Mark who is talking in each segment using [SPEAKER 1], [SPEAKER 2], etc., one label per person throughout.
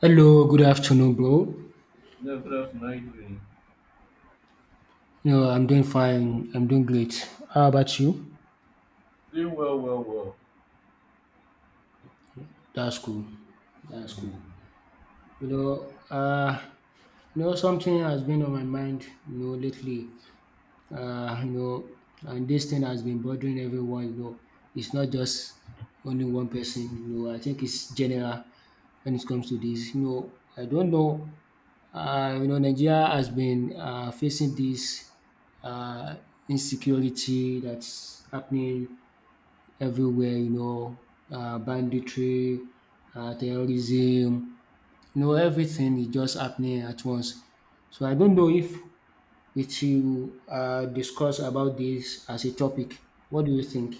[SPEAKER 1] Hello, good afternoon, bro.
[SPEAKER 2] Yeah, good afternoon. How you doing?
[SPEAKER 1] No, I'm doing fine. I'm doing great. How about you?
[SPEAKER 2] Doing well, well, well.
[SPEAKER 1] That's cool. That's
[SPEAKER 2] Mm.
[SPEAKER 1] cool. You know, uh, Something has been on my mind, lately. Uh, you know, and this thing has been bothering everyone. It's not just only one person. I think it's general when it comes to this. I don't know, Nigeria has been facing this um insecurity that's happening everywhere, banditry, terrorism, everything is just happening at once. So I don't know if we you discuss about this as a topic. What do you think?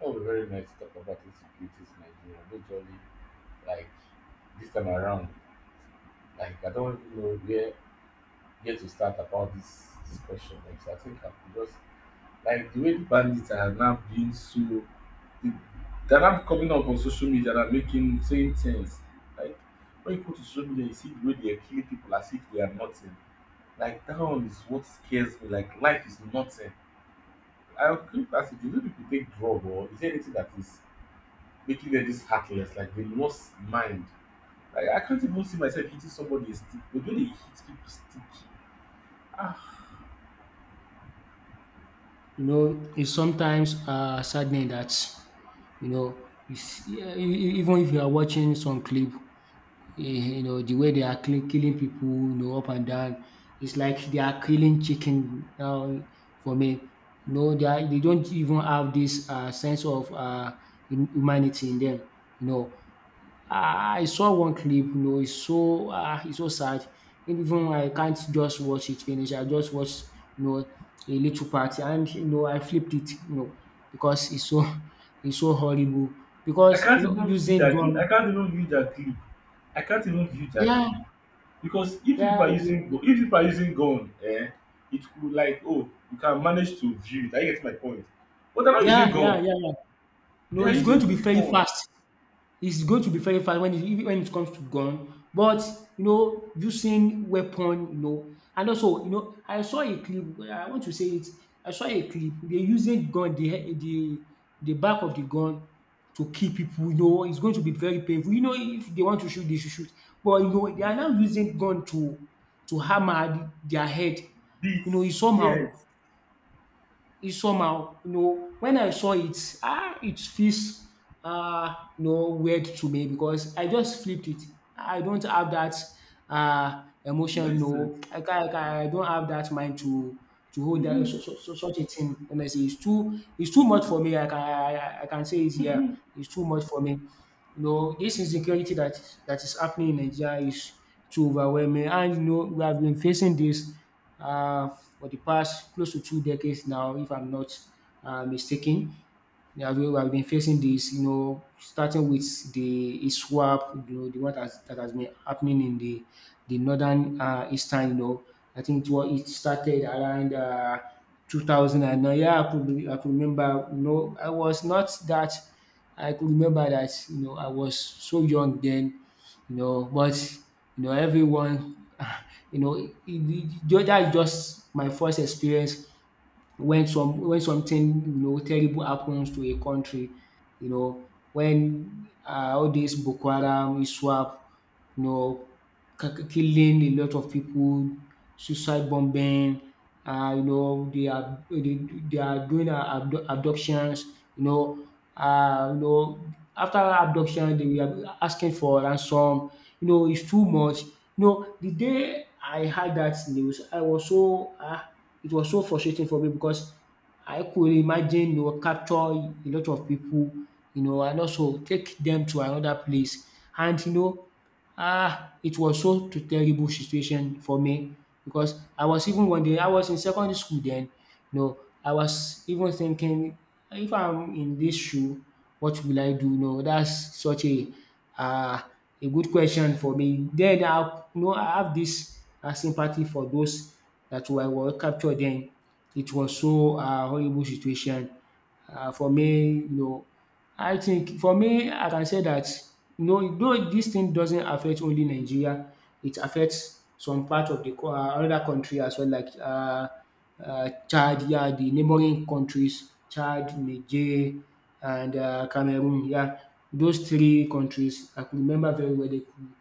[SPEAKER 2] That was very nice to talk about insecurities in Nigeria. Majorly, like this time around, like I don't even know where to start about this discussion. Like so I think I could just like the way the bandits are now being so they- they're now coming up on social media and are making saying things. Like when you go to social media, you see the way they are killing people as if they are nothing. Like that one is what scares me. Like life is nothing. I keep asking, do you people take drug or is there anything that is making them this heartless? Like they lost mind. Like I can't even see myself hitting somebody a stick, but when they hit people stick. Ah,
[SPEAKER 1] It's sometimes saddening that you see, even if you are watching some clip, eh, the way they are killing people, up and down. It's like they are killing chicken now, for me. They don't even have this sense of humanity in them. You know, Ah, I saw one clip, it's so sad. Even I can't just watch it finish. I just watch, you know, a little part, and, I flipped it, because it's so horrible.
[SPEAKER 2] I
[SPEAKER 1] Because,
[SPEAKER 2] can't even see
[SPEAKER 1] using
[SPEAKER 2] that clip.
[SPEAKER 1] gun,
[SPEAKER 2] I can't even view that clip. I can't even view that
[SPEAKER 1] yeah,
[SPEAKER 2] clip because if people
[SPEAKER 1] yeah,
[SPEAKER 2] are using gu- if people are using gun, it could like oh you can manage to view it. I get my point. But they're not using
[SPEAKER 1] Yeah, yeah,
[SPEAKER 2] gun.
[SPEAKER 1] yeah, yeah.
[SPEAKER 2] They
[SPEAKER 1] No,
[SPEAKER 2] are
[SPEAKER 1] it's going
[SPEAKER 2] using
[SPEAKER 1] to be very
[SPEAKER 2] weapon,
[SPEAKER 1] fast. It's going to be very fast when it even when it comes to gun. But, using weapon, and also, I saw a clip. I want to say it. I saw a clip. They using gun, the back of the gun to kill people. It's going to be very painful. If they want to shoot, they should shoot. But, they are now using gun to hammer their head.
[SPEAKER 2] beats,
[SPEAKER 1] It's somehow.
[SPEAKER 2] yes,
[SPEAKER 1] Is somehow. When I saw it, ah, it feels weird to me because I just flipped it. I don't have that emotion.
[SPEAKER 2] myself.
[SPEAKER 1] No, I don't have that mind to hold that, such a thing. Honestly, it's too much for me. I can say it here. It's too much for me. This insecurity that is happening in Nigeria is too overwhelming, and we have been facing this, uh, for the past close to 2 decades now, if I'm not mistaken. Yeah, I've been facing this, starting with the ISWAP, the one that has been happening in the northern, eastern. I think it started around, 2009. Yeah, I could remember, I was not that, I could remember that, I was so young then, you know, but, you know, everyone, that is just my first experience when something terrible happens to a country, when all this Boko Haram, ISWAP, you know killing a lot of people, suicide bombing, they are doing, abductions, you know, after abduction they are asking for ransom. It's too much. The day I heard that news, I was so it was so frustrating for me because I could imagine, capture a lot of people, and also take them to another place. And you know, Ah, it was so to terrible situation for me because I was even one day I was in secondary school then, I was even thinking, if I'm in this shoe, what will I do? That's such uh, a good question for me. Then I you know I have this sympathy for those were captured then. It was so, horrible situation, for me. I think for me, I can say that no, though this thing doesn't affect only Nigeria, it affects some part of the another country as well, like, Chad. Yeah, the neighbouring countries: Chad, Niger, and Cameroon. Yeah. Those three countries I could remember very well. They could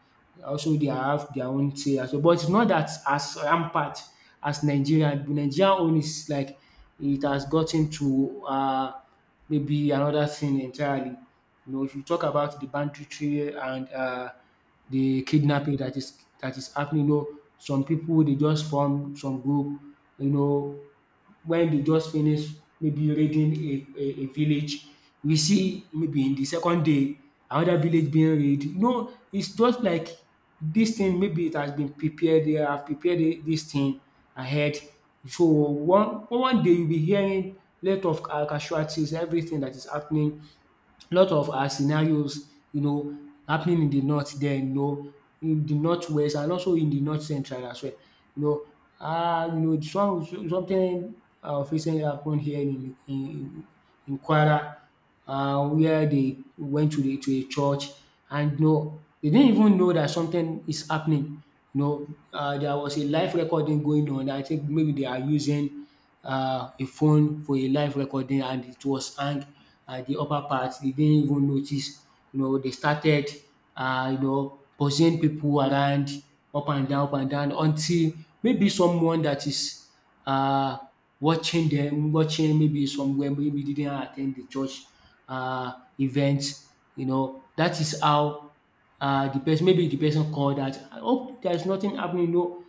[SPEAKER 1] also they have their own say as well, but it's not that as rampant as Nigeria. Nigeria own is like it has gotten to, maybe another scene entirely. If you talk about the banditry and, the kidnapping that is happening, some people, they just form some group, you know, when they just finish maybe raiding a village. We see maybe in the second day, another village being raided. It's just like this thing, maybe it has been prepared, they have prepared this thing ahead. So, one day you'll be hearing lot of ca casualties, everything that is happening, lot of scenarios, happening in the north. Then, in the northwest, and also in the north central as well. You know something of recently happened here in Kwara, where they went to a church, and they didn't even know that something is happening. There was a live recording going on. I think maybe they are using a phone for a live recording, and it was hang at the upper part. They didn't even notice. They started, pursuing people around, up and down, up and down, until maybe someone that is, um watching them, watching maybe somewhere, maybe didn't attend the church event. That is how, the person, maybe the person called that. I "hope there is nothing happening. No.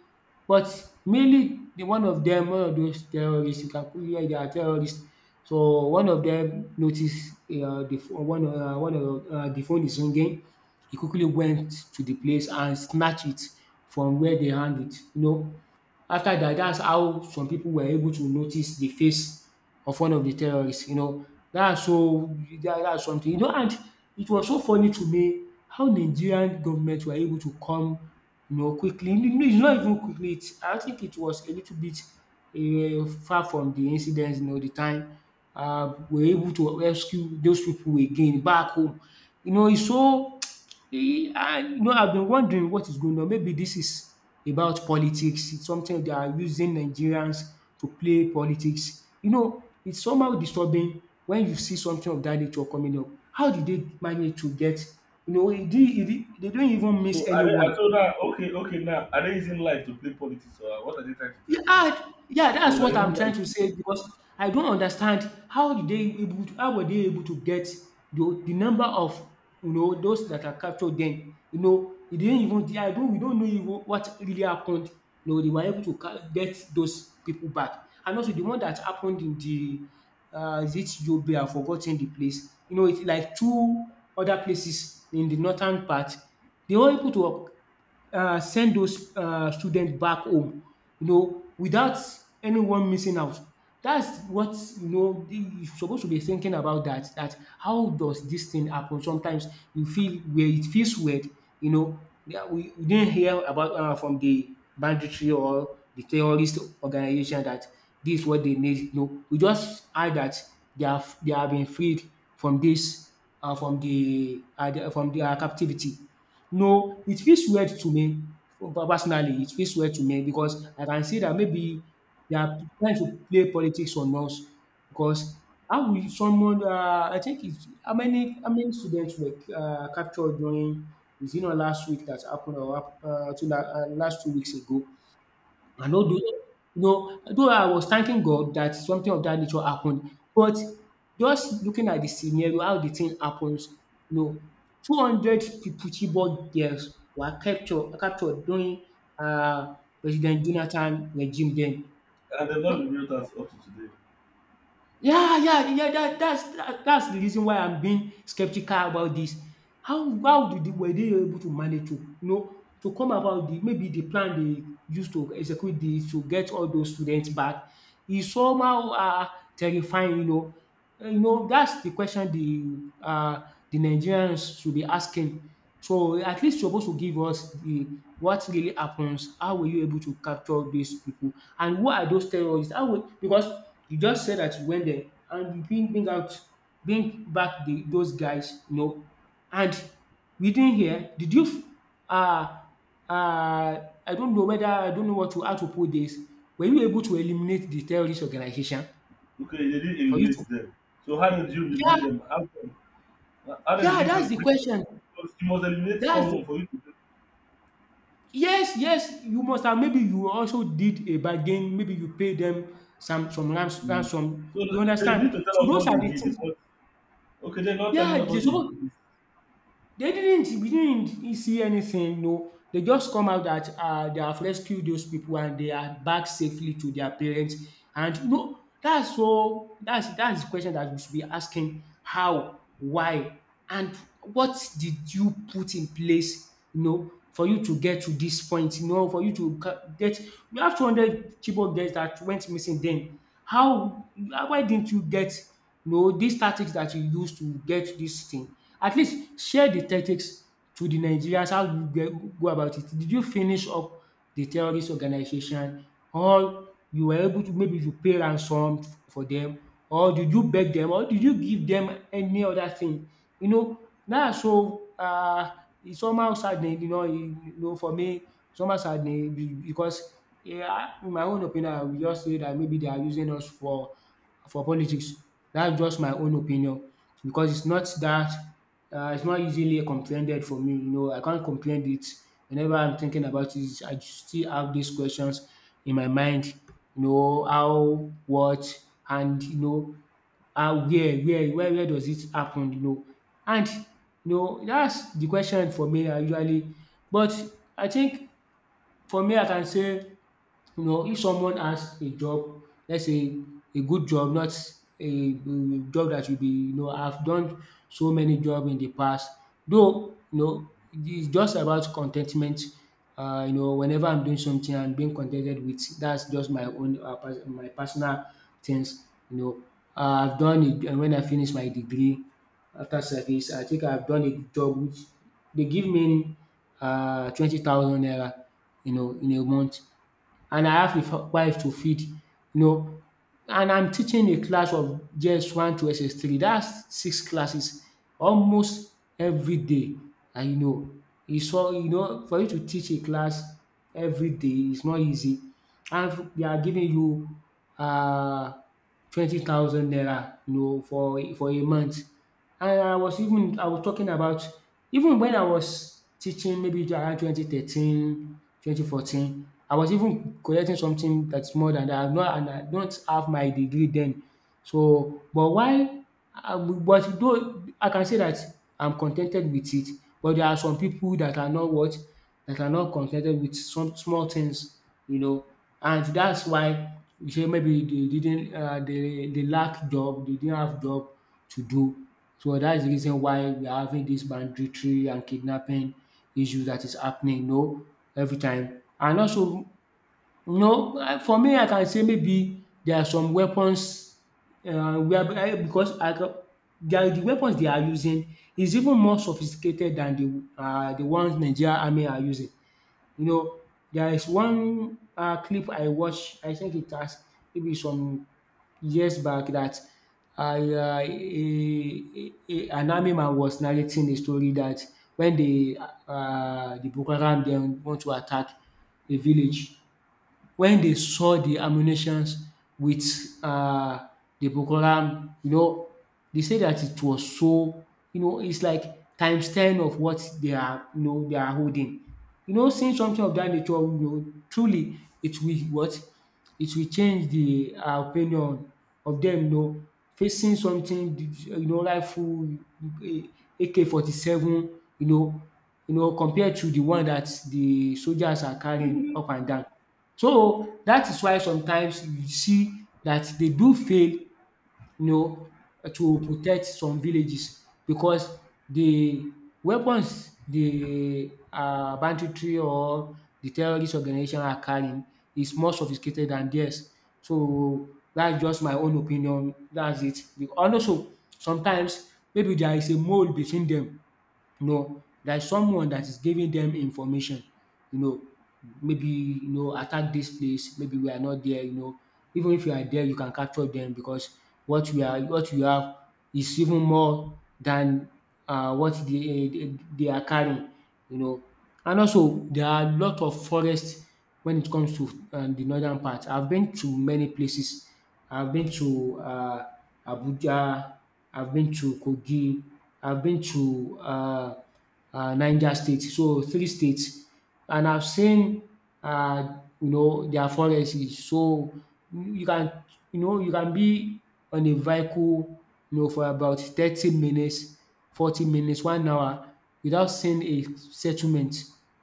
[SPEAKER 1] But mainly, the one of dem one of those terrorist, you can quickly hear they are terrorist. So one of dem notice, the phone one one of the phone is ringing. He quickly went to the place and snatch it from where they hang it. After that, that's how some people were able to notice the face of one of the terrorists. Dat's so That that's something. And it was so funny to me how Nigerian government were able to come, quickly. No, it's not even quickly, it's I think it was a little bit, far from the incident, the time, were able to rescue those people again back home. It's so, E and you know I've been wondering what is going on. Maybe this is about politics. It's something they are using Nigerians to play politics. It's somehow disturbing when you see something of that nature coming up. How did they manage to get, e dey they don't even miss
[SPEAKER 2] So are they, I
[SPEAKER 1] anyone.
[SPEAKER 2] told her, okay, okay, now are they using life to play politics or what are they trying to tell
[SPEAKER 1] Yeah,
[SPEAKER 2] me now?
[SPEAKER 1] ah, yeah,
[SPEAKER 2] So
[SPEAKER 1] that's
[SPEAKER 2] like,
[SPEAKER 1] what
[SPEAKER 2] is
[SPEAKER 1] I'm trying
[SPEAKER 2] like
[SPEAKER 1] to say, because I don't understand how did they able to, how were they able to get the number of, those that are captured then. They didn't even. Yeah, I don't we don't know even what really happened. They were able to get those people back, and also the one that happened in the is it Yobe, I've forgotten the place, it's like two other places in the northern part they were able to work. Send those students back home, without anyone missing out. That's what you suppose to be thinking about, that how does this thing happen? Sometimes you feel where it feels weird, yeah, we didn't hear about, from the banditry or the terrorist organization that this is what they need. No, we just heard that they have been freed from this from from their captivity. No, it feels weird to me. Personally, it feels weird to me because I can see that maybe they are trying to play politics on us, because how will someone I think it's how many students were, captured during, is it not last week that happened, or, last 2 weeks ago. And although I was thanking God that something of that nature happened, but just looking at the scenario, how the thing happens, you know, 200 people, Chibok girls were captured during um President Jonathan regime then.
[SPEAKER 2] and they've not revealed us up to today.
[SPEAKER 1] Yeah, yeah, yeah. That's that's the reason why I'm being skeptical about this. How did they, were they able to manage to, you know, to come about the maybe the plan they used to execute this to get all those students back is somehow terrifying. You know. That's the question the Nigerians should be asking. So at least you're supposed to give us the what really happens, how were you able to capture these people and who are those terrorists? How will, because you just said that you went there and you bring back the those guys, you know. And within here, did you uh I don't know whether, I don't know what to, how to put this. Were you able to eliminate the terrorist organization
[SPEAKER 2] Okay, they didn't
[SPEAKER 1] for you to...
[SPEAKER 2] eliminate them. So how did you
[SPEAKER 1] Yeah,
[SPEAKER 2] bring them? How come? How did
[SPEAKER 1] yeah,
[SPEAKER 2] you
[SPEAKER 1] that's
[SPEAKER 2] bring
[SPEAKER 1] the
[SPEAKER 2] bring them?
[SPEAKER 1] question.
[SPEAKER 2] Because you must eliminate
[SPEAKER 1] That's the...
[SPEAKER 2] someone for you to bring.
[SPEAKER 1] Yes, yes, you must have, maybe you also did a bargain, maybe you pay them some some ransom,
[SPEAKER 2] So
[SPEAKER 1] you
[SPEAKER 2] they
[SPEAKER 1] understand?
[SPEAKER 2] need to tell
[SPEAKER 1] So
[SPEAKER 2] us
[SPEAKER 1] those
[SPEAKER 2] what
[SPEAKER 1] are
[SPEAKER 2] they
[SPEAKER 1] the
[SPEAKER 2] did. They
[SPEAKER 1] things.
[SPEAKER 2] must. Okay, they're not telling
[SPEAKER 1] Yeah,
[SPEAKER 2] us
[SPEAKER 1] they
[SPEAKER 2] what they
[SPEAKER 1] suppose,
[SPEAKER 2] did.
[SPEAKER 1] they didn't, we didn't see anything, no. They just come out that they have rescued those people and they are back safely to their parents, and you know that's so, that's the question that we should be asking. How? Why? And what did you put in place, you know, for you to get to this point, you know, for you to get. We have 200 chibok girls that went missing then. How, why didn't you get, you know, these tactics that you use to get this thing. At least share the tactics to the Nigerians, how you get, go about it. Did you finish up the terrorist organization or you were able to, maybe you pay ransom for them? Or did you beg them? Or did you give them any other thing? You know now, so it's somehow saddening, you know, you know, for me it's somehow saddening because, yeah, in my own opinion I will just say that maybe they are using us for politics. That's just my own opinion because it's not that it's not easily comprehended for me. You know, I can't comprehend it. Whenever I'm thinking about it, I still have these questions in my mind. You know, how, what, and you know, how, where, where does it happen? You know, and you know, that's the question for me. I usually, but I think for me, I can say, you know, if someone has a job, let's say a good job, not a job that will be, you know. I've done so many jobs in the past. Though, you know, it's just about contentment. Whenever I'm doing something and being contented with, that's just my own, my personal things. You know, I've done it. And when I finish my degree, after service, I think I've done a job which they give me 20,000 naira, you know, in a month, and I have a wife to feed, you know. And I'm teaching a class of JS1 to SS3, that's six classes almost every day. And you know, it's all, you know, for you to teach a class every day is not easy. And they are giving you um 20,000 naira, you know, for a month. And I was even, I was talking about, even when I was teaching, maybe around 2013, 2014, I was even collecting something that's more than dat. I not, and I don't have my degree then. So but why but though I can say that I'm contented with it, but there are some people that are not what, that are not contented with some small things, you know, and that's why you say maybe they didn't, they lack job, they didn't have job to do. So that is the reason why we are having this banditry and kidnapping issue that is happening, you know, every time. And also no, for me I can say maybe there are some weapons, whereby, because I can, their, the weapons they are using is even more sophisticated than the ones Nigeria Army are using. You know, there is one clip I watch, I think it has maybe some years back, that a an army man was narrating a story that when the Boko Haram dem want to attack a village, when they saw the ammunitions with um the Boko Haram, you know, they say that it was so, you know, it's like times ten of what they are, you know, they are holding. You know, seeing something of that nature, you know, truly it will what? It will change the opinion of them, you know. Facing something, you know, rifle, AK47, you know, you know, compared to the one that the soldiers are carrying up and down. So that is why sometimes you see that they do fail, you know, to protect some villages because the weapons, the banditry or the terrorist organization are carrying, is more sophisticated than theirs. So that's just my own opinion, that's it. And also sometimes maybe there is a mole between them. No, there's someone that is giving them information, you know, maybe, you know, attack this place, maybe we are not there, you know. Even if you are there, you can capture them because what we are, what you have is even more than what they are carrying, you know. And also there are a lot of forests when it comes to the northern part. I've been to many places. I've been to Abuja, I've been to Kogi, I've been to Niger State. So three states, and I've seen you know, their forests. So you can, you know, you can be on a vehicle, you know, for about 30 minutes, 40 minutes, one hour without seeing a settlement.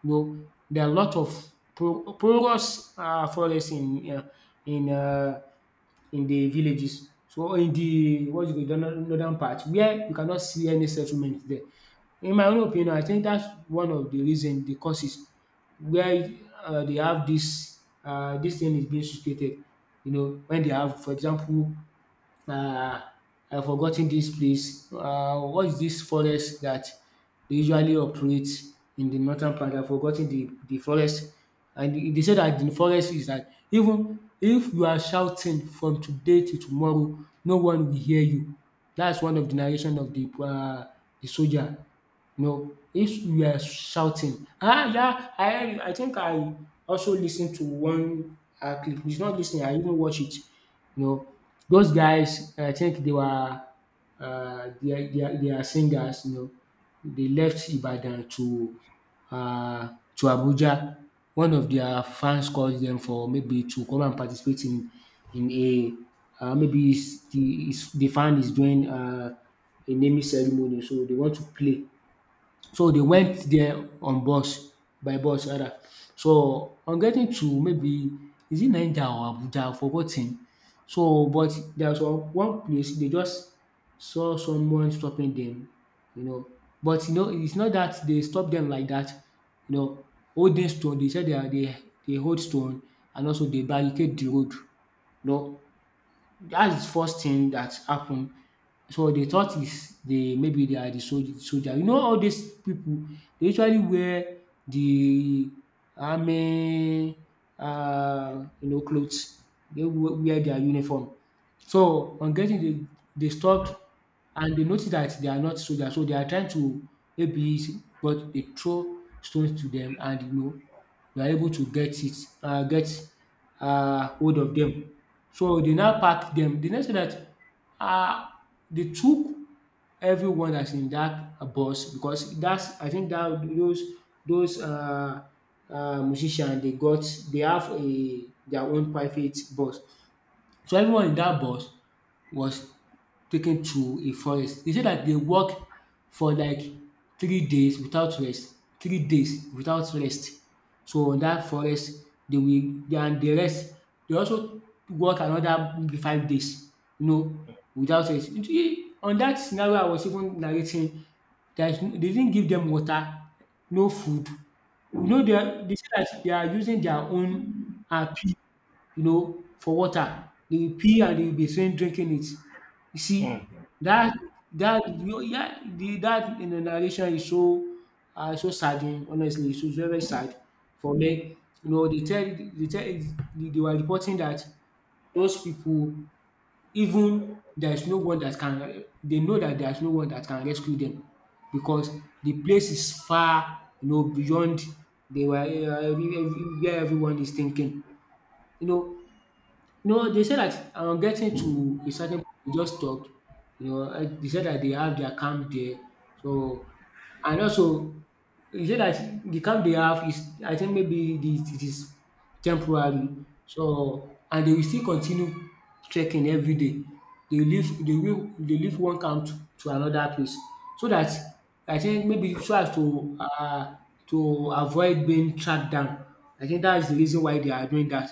[SPEAKER 1] You know, there are a lot of porous forest in in uh, in the villages. So in the what you call it northern part, where you cannot see any settlement there. In my own opinion, I think that's one of the reason, the causes, where they have this, dis thing is being situated, you know, when they have, for example, um I have forgotten this place, what is this forest that dey usually operate in the northern part. I have forgotten the forest. And they said that the forest is that even if you are shouting from today to tomorrow, no one will hear you. That's one of the narration of the de soldier. No, if you are shouting, ah, yeah, I think I also listened to one clip. It's not listening, I even watch it. You know, those guys, I think they were they are singers. You know, they left Ibadan uh, to Abuja. One of their fans called them for, maybe to come and participate in a maybe it's the, it's, the fan is doing a naming ceremony, so they want to play. So they went there on bus, by bus rather. So on getting to, maybe is it Niger or Abuja, I forgot ten. So but there was one one place, they just saw someone stopping them, you know, but you know it's not that they stop them like that, you know, holding stone. They said they are, they hold stone, and also they barricade the road, you know, that's the first thing that happened. So they thought is they, maybe they are the soldier soldier. You know, all these people, they usually wear the army you know, clothes. They wear their uniform. So on getting the, they stopped and they noticed that they are not soldiers, so they are trying to maybe but they throw stones to them, and you know they are able to get it, get hold of them. So they now pack them. They now say that uh, they took everyone that's in that bus, because that's, I think that those those uh, musicians they got, they have a, their own private bus, so everyone in that bus was taken to a forest. They said that they walked for like 3 days without rest. 3 days without rest. So on dat forest they will, they and the rest, they also work another maybe 5 days, you know, without rest. You see, on that scenario I was even narrating, there is no, they didn't give them water, no food, you know, dem they say that they are using their own pee, you know, for water. They will pee and they will be seen drinking it. You
[SPEAKER 2] Hmm.
[SPEAKER 1] see that, dat, yeah, the dat narration is so so saddening, honestly. It's so very very sad for me. You know they tell they tell they were reporting that those people even there is no one that can— they know that there is no one that can rescue them because the place is far, you know, beyond. They were every, where everyone is thinking. You know, no, they said that I'm getting to a certain point, they just stopped. You know, I- they said that they have their camp there. So and also he say that the camp they have is, I think maybe it is temporary. So and they will still continue trekking everyday. They leave one camp to another place, so that I think maybe so as to avoid being tracked down. I think that is the reason why they are doing that.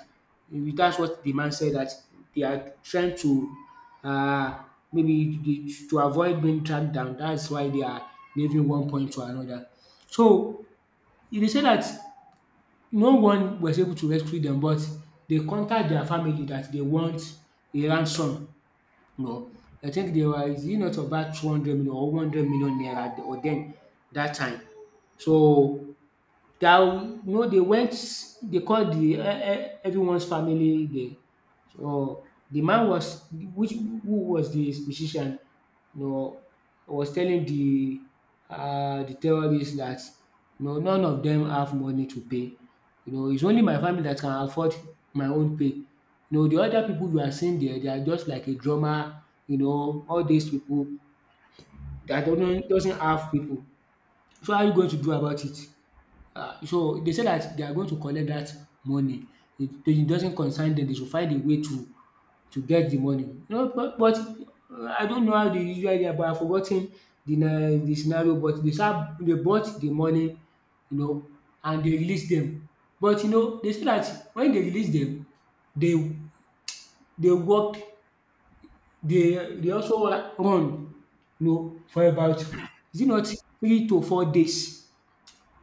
[SPEAKER 1] That's what the man said, that they are trying to uh, maybe the, to avoid being tracked down. That's why they are leaving one point to another. So they say that no one was able to rescue them, but they contact their family that they want a ransom, you know. I think they were— is it not about 200 million or 100 million naira or then that time? So that, you know, they went, they called the e e everyone's family there. So the man was— which— who was the musician, you know, was telling the terrorists that, you know, none of them have money to pay. You know, it's only my family that can afford my own pay. You know the other people you are seeing there, they are just like a drummer, you know, all these people that do not— doesn't have people. So how are you going to do about it? Ah, so they said that they are going to collect that money. It— it doesn't concern them. They should find a way to get the money. You know, but I don't know how they usually are, but I've forgot the na the scenario. But they said they bought the money, you know, and they release them. But you know, they say that when they release them, they— they work— they also run, you know, for about— is it not 3 to 4 days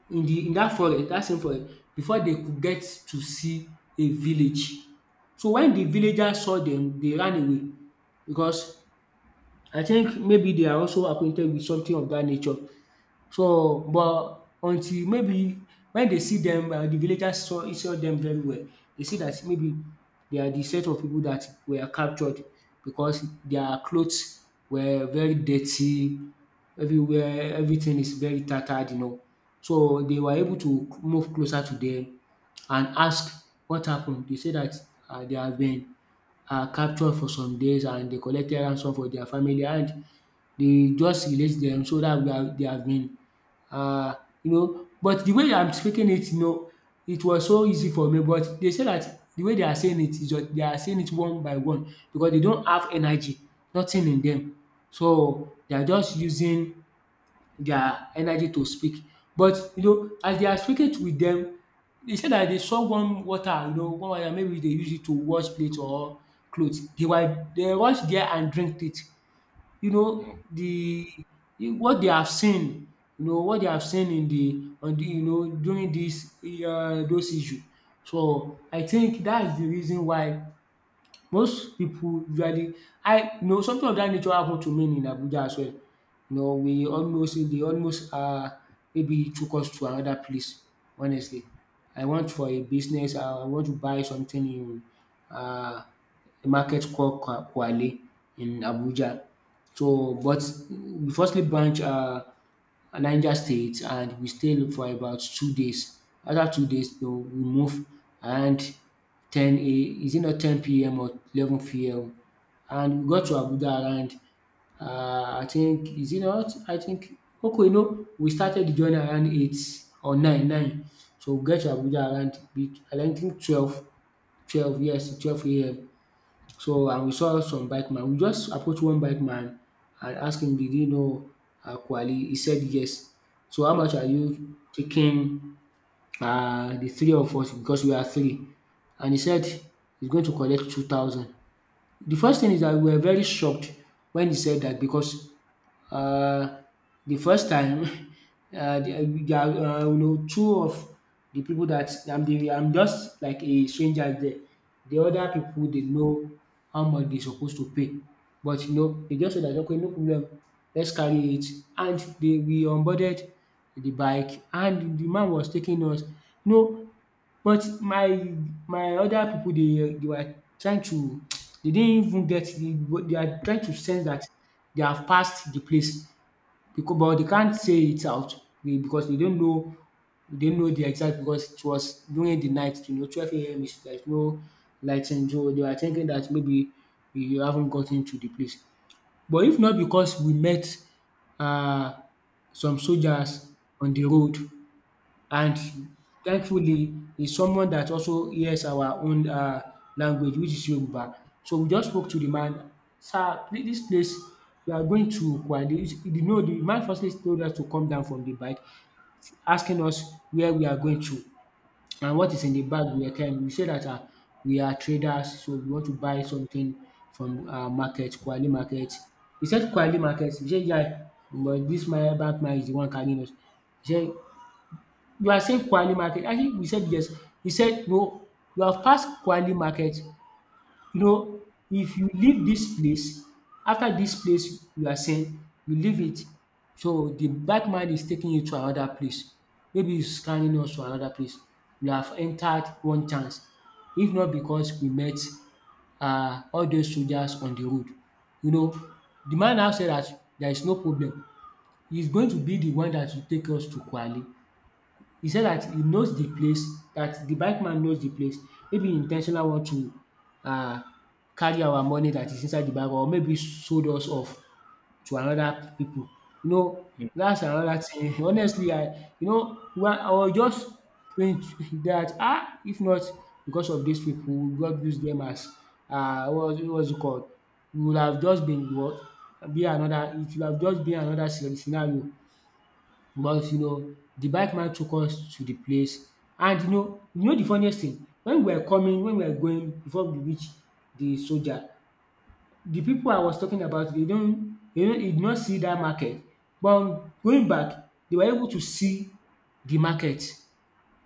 [SPEAKER 1] in the in that forest, that same forest, before they could get to see a village. So when the villagers saw them, they ran away because I think maybe they are also acquainted with something of that nature. So, but until maybe when they see them, the villagers saw them very well, they see that maybe they are the set of people that were captured because their clothes were very dirty, everywhere everything is very tattered, you know. So they were able to move closer to them and ask what happened. They say that they have been— are captured for some days and they collected ransom for their family and they just released them, so dat would they have been um you know. But the way I'm speaking it, you know, it was so easy for me, but they say that the way they are saying it is— just they are saying it one by one because they don't have energy, nothing in them, so they are just using their energy to speak. But you know, as they are speaking with them, they said that they saw one water, you know, one water— maybe they use it to wash plate or clothes. They were— they rush there and drink it. You know the— what they have seen, you know, what they have seen in the— on the, you know, during this those issues. So I think that's the reason why most people usually— I, you know, something of dat nature happen to me in Abuja as well, you know. We almost— they almost maybe took us to another place, honestly. I want for a business— I want to buy something in uh, a market called Kwa Kwale in Abuja. So but we firstly branch Niger State and we stayed for about 2 days. After 2 days, den we move around 10 A— is it not 10 PM or 11 PM? And we got to Abuja around I think— is it not? I think— okay, no, we started the journey around 8 or nine. So we get to Abuja around be- around— I don't think 12, 12, yes, 12 a.m. So and we saw some bike man. We just approached one bike man and asked him, did he know Kwali? He said yes. So how much are you taking the three of us, because we are three? And he said he's going to collect 2,000. The first thing is that we were very shocked when he said that because um the first time, there— there are, you know, two of the people that I'm— the— I'm just like a stranger there. The other people they know how much they supposed to pay, but you know, they just said that okay, no problem, let's carry it. And they— we onboarded the bike and the man was taking us. You know, but my— my other pipu, they were trying to they didn't even get the— they are trying to sense that they have passed the place because— but they can't say it out be- because they don't know— they don't know the exact, because it was during the night, you know, 12 AM, is there— is there's no lightning, so they were thinking that maybe we haven't gotten to the place. But if not because we met um some soldiers on the road. And thankfully, he's someone that also hears our own language, which is Yoruba. So we just spoke to the man, “Sir, please, dis place, we are going to Kwale.” He did know— the man firstly told us to come down from the bike, asking us where we are going to and what is in the bag we are carrying. We said that we are traders, so we want to buy something from market, Kwale market. He said, Kwale market? We said, “Yeah.” But this my bank man is the one carrying us. He said, you are saying Kwali market. I think you said yes. He said, "No, you have passed Kwali market. You know, if you leave this place, after this place you are saying, you leave it, so the bad man is taking you to another place. Maybe he's carrying us to another place. You have entered one chance. If not because we met all those soldiers on the road." You know, the man now said that there is no problem. He's going to be the one that will take us to Kwali. He said that he knows the place, that the bike man knows the place. Maybe intentional— want to carry our money that is inside the bag, or maybe sold us off to another people. You know, that's another thing. Honestly, I— you know why I was just praying that ah, if not because of these people, God use them as what was it called, we would have just been what? Be another— it would have just been another scenario. But you know, the bike man took us to the place. And you know, you know the funniest thing— when we were coming— when we were going, before we reach the soldier, the people I was talking about dey don e— did not see that market, but going back they were able to see the market.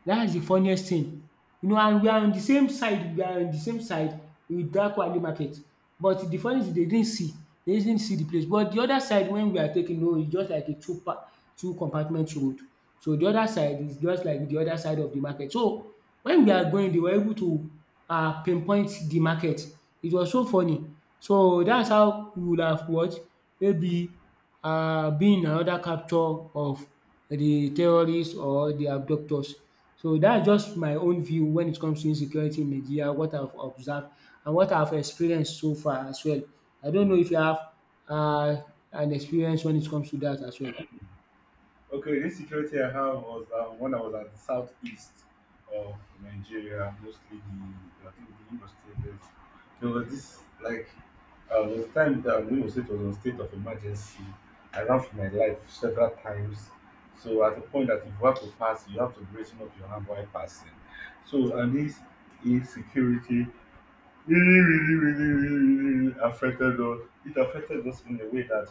[SPEAKER 1] That's the funniest thing. You know, and we are on the same side, we are on the same side with that Kwale market. But the funny thing, they didn't see the place. But the other side, when we are taking— no, it's just like a two compartment road. So the other side is just like the other side of the market. So when we are going, they were able to pinpoint the market. It was so funny. So that's how we would have what— maybe been another capture of the terrorists or the abductors. So, that's just my own view when it comes to insecurity in Nigeria, what I've observed and what I've experienced so far as well. I don't know if you have uh, an experience when it comes to that as well.
[SPEAKER 2] Okay, this security I have was, when I was at the southeast of Nigeria, mostly the I think the Imo State. There was this like there was a time that Imo State was on state of emergency. I ran for my life several times. So at the point that if you have to pass, you have to brazen up your hand while passing. So and this insecurity really, really, really, really, really affected us. It affected us in a way that,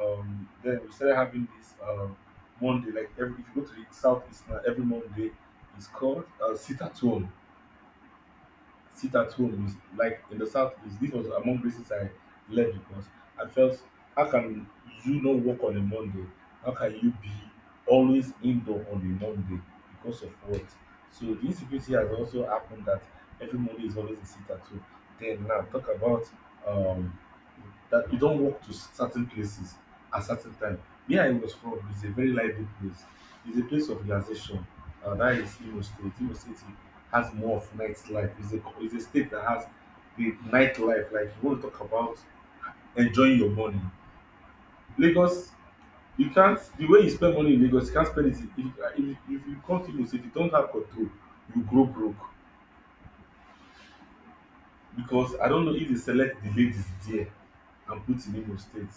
[SPEAKER 2] then we started having this, Monday, like every, if you go to the southeast now, every Monday is called sit at home. Sit at home is like in the southeast, this was among reasons I left because I felt, how can you not work on a Monday? How can you be always indoor on a Monday? Because of what? So the insecurity has also happened that every Monday is always a sit at home. Then now talk about, um that you don't walk to certain places at certain time. Where I was from is a very lively place, it's a place of relaxation, that is Imo State. Imo State has more of nightlife. It's a state that has the nightlife. Like you want to talk about enjoying your money. Lagos, you can't the way you spend money in Lagos, you can't spend it if if you come if you don't have control, you grow broke. Because I don't know if they select the ladies there and put in Imo State.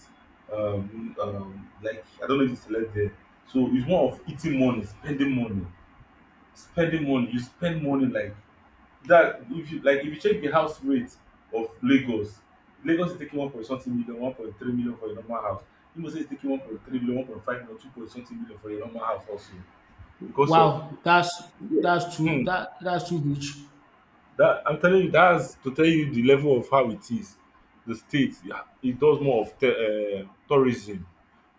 [SPEAKER 2] Like I don't know if they select there. So it's more of eating money, spending money, spending money. You spend money like that. If you like, if you check the house rate of Lagos, Lagos is taking one point something million, 1.3 million for a normal house. Imo State is taking 1.3 million, 1.5 million, two point something million for a normal house also because of,
[SPEAKER 1] Wow, that's— that's too
[SPEAKER 2] hmm
[SPEAKER 1] that— that's too good.
[SPEAKER 2] that I'm telling you, that's to tell you the level of how it is. The state, yeah, it does more of te tourism.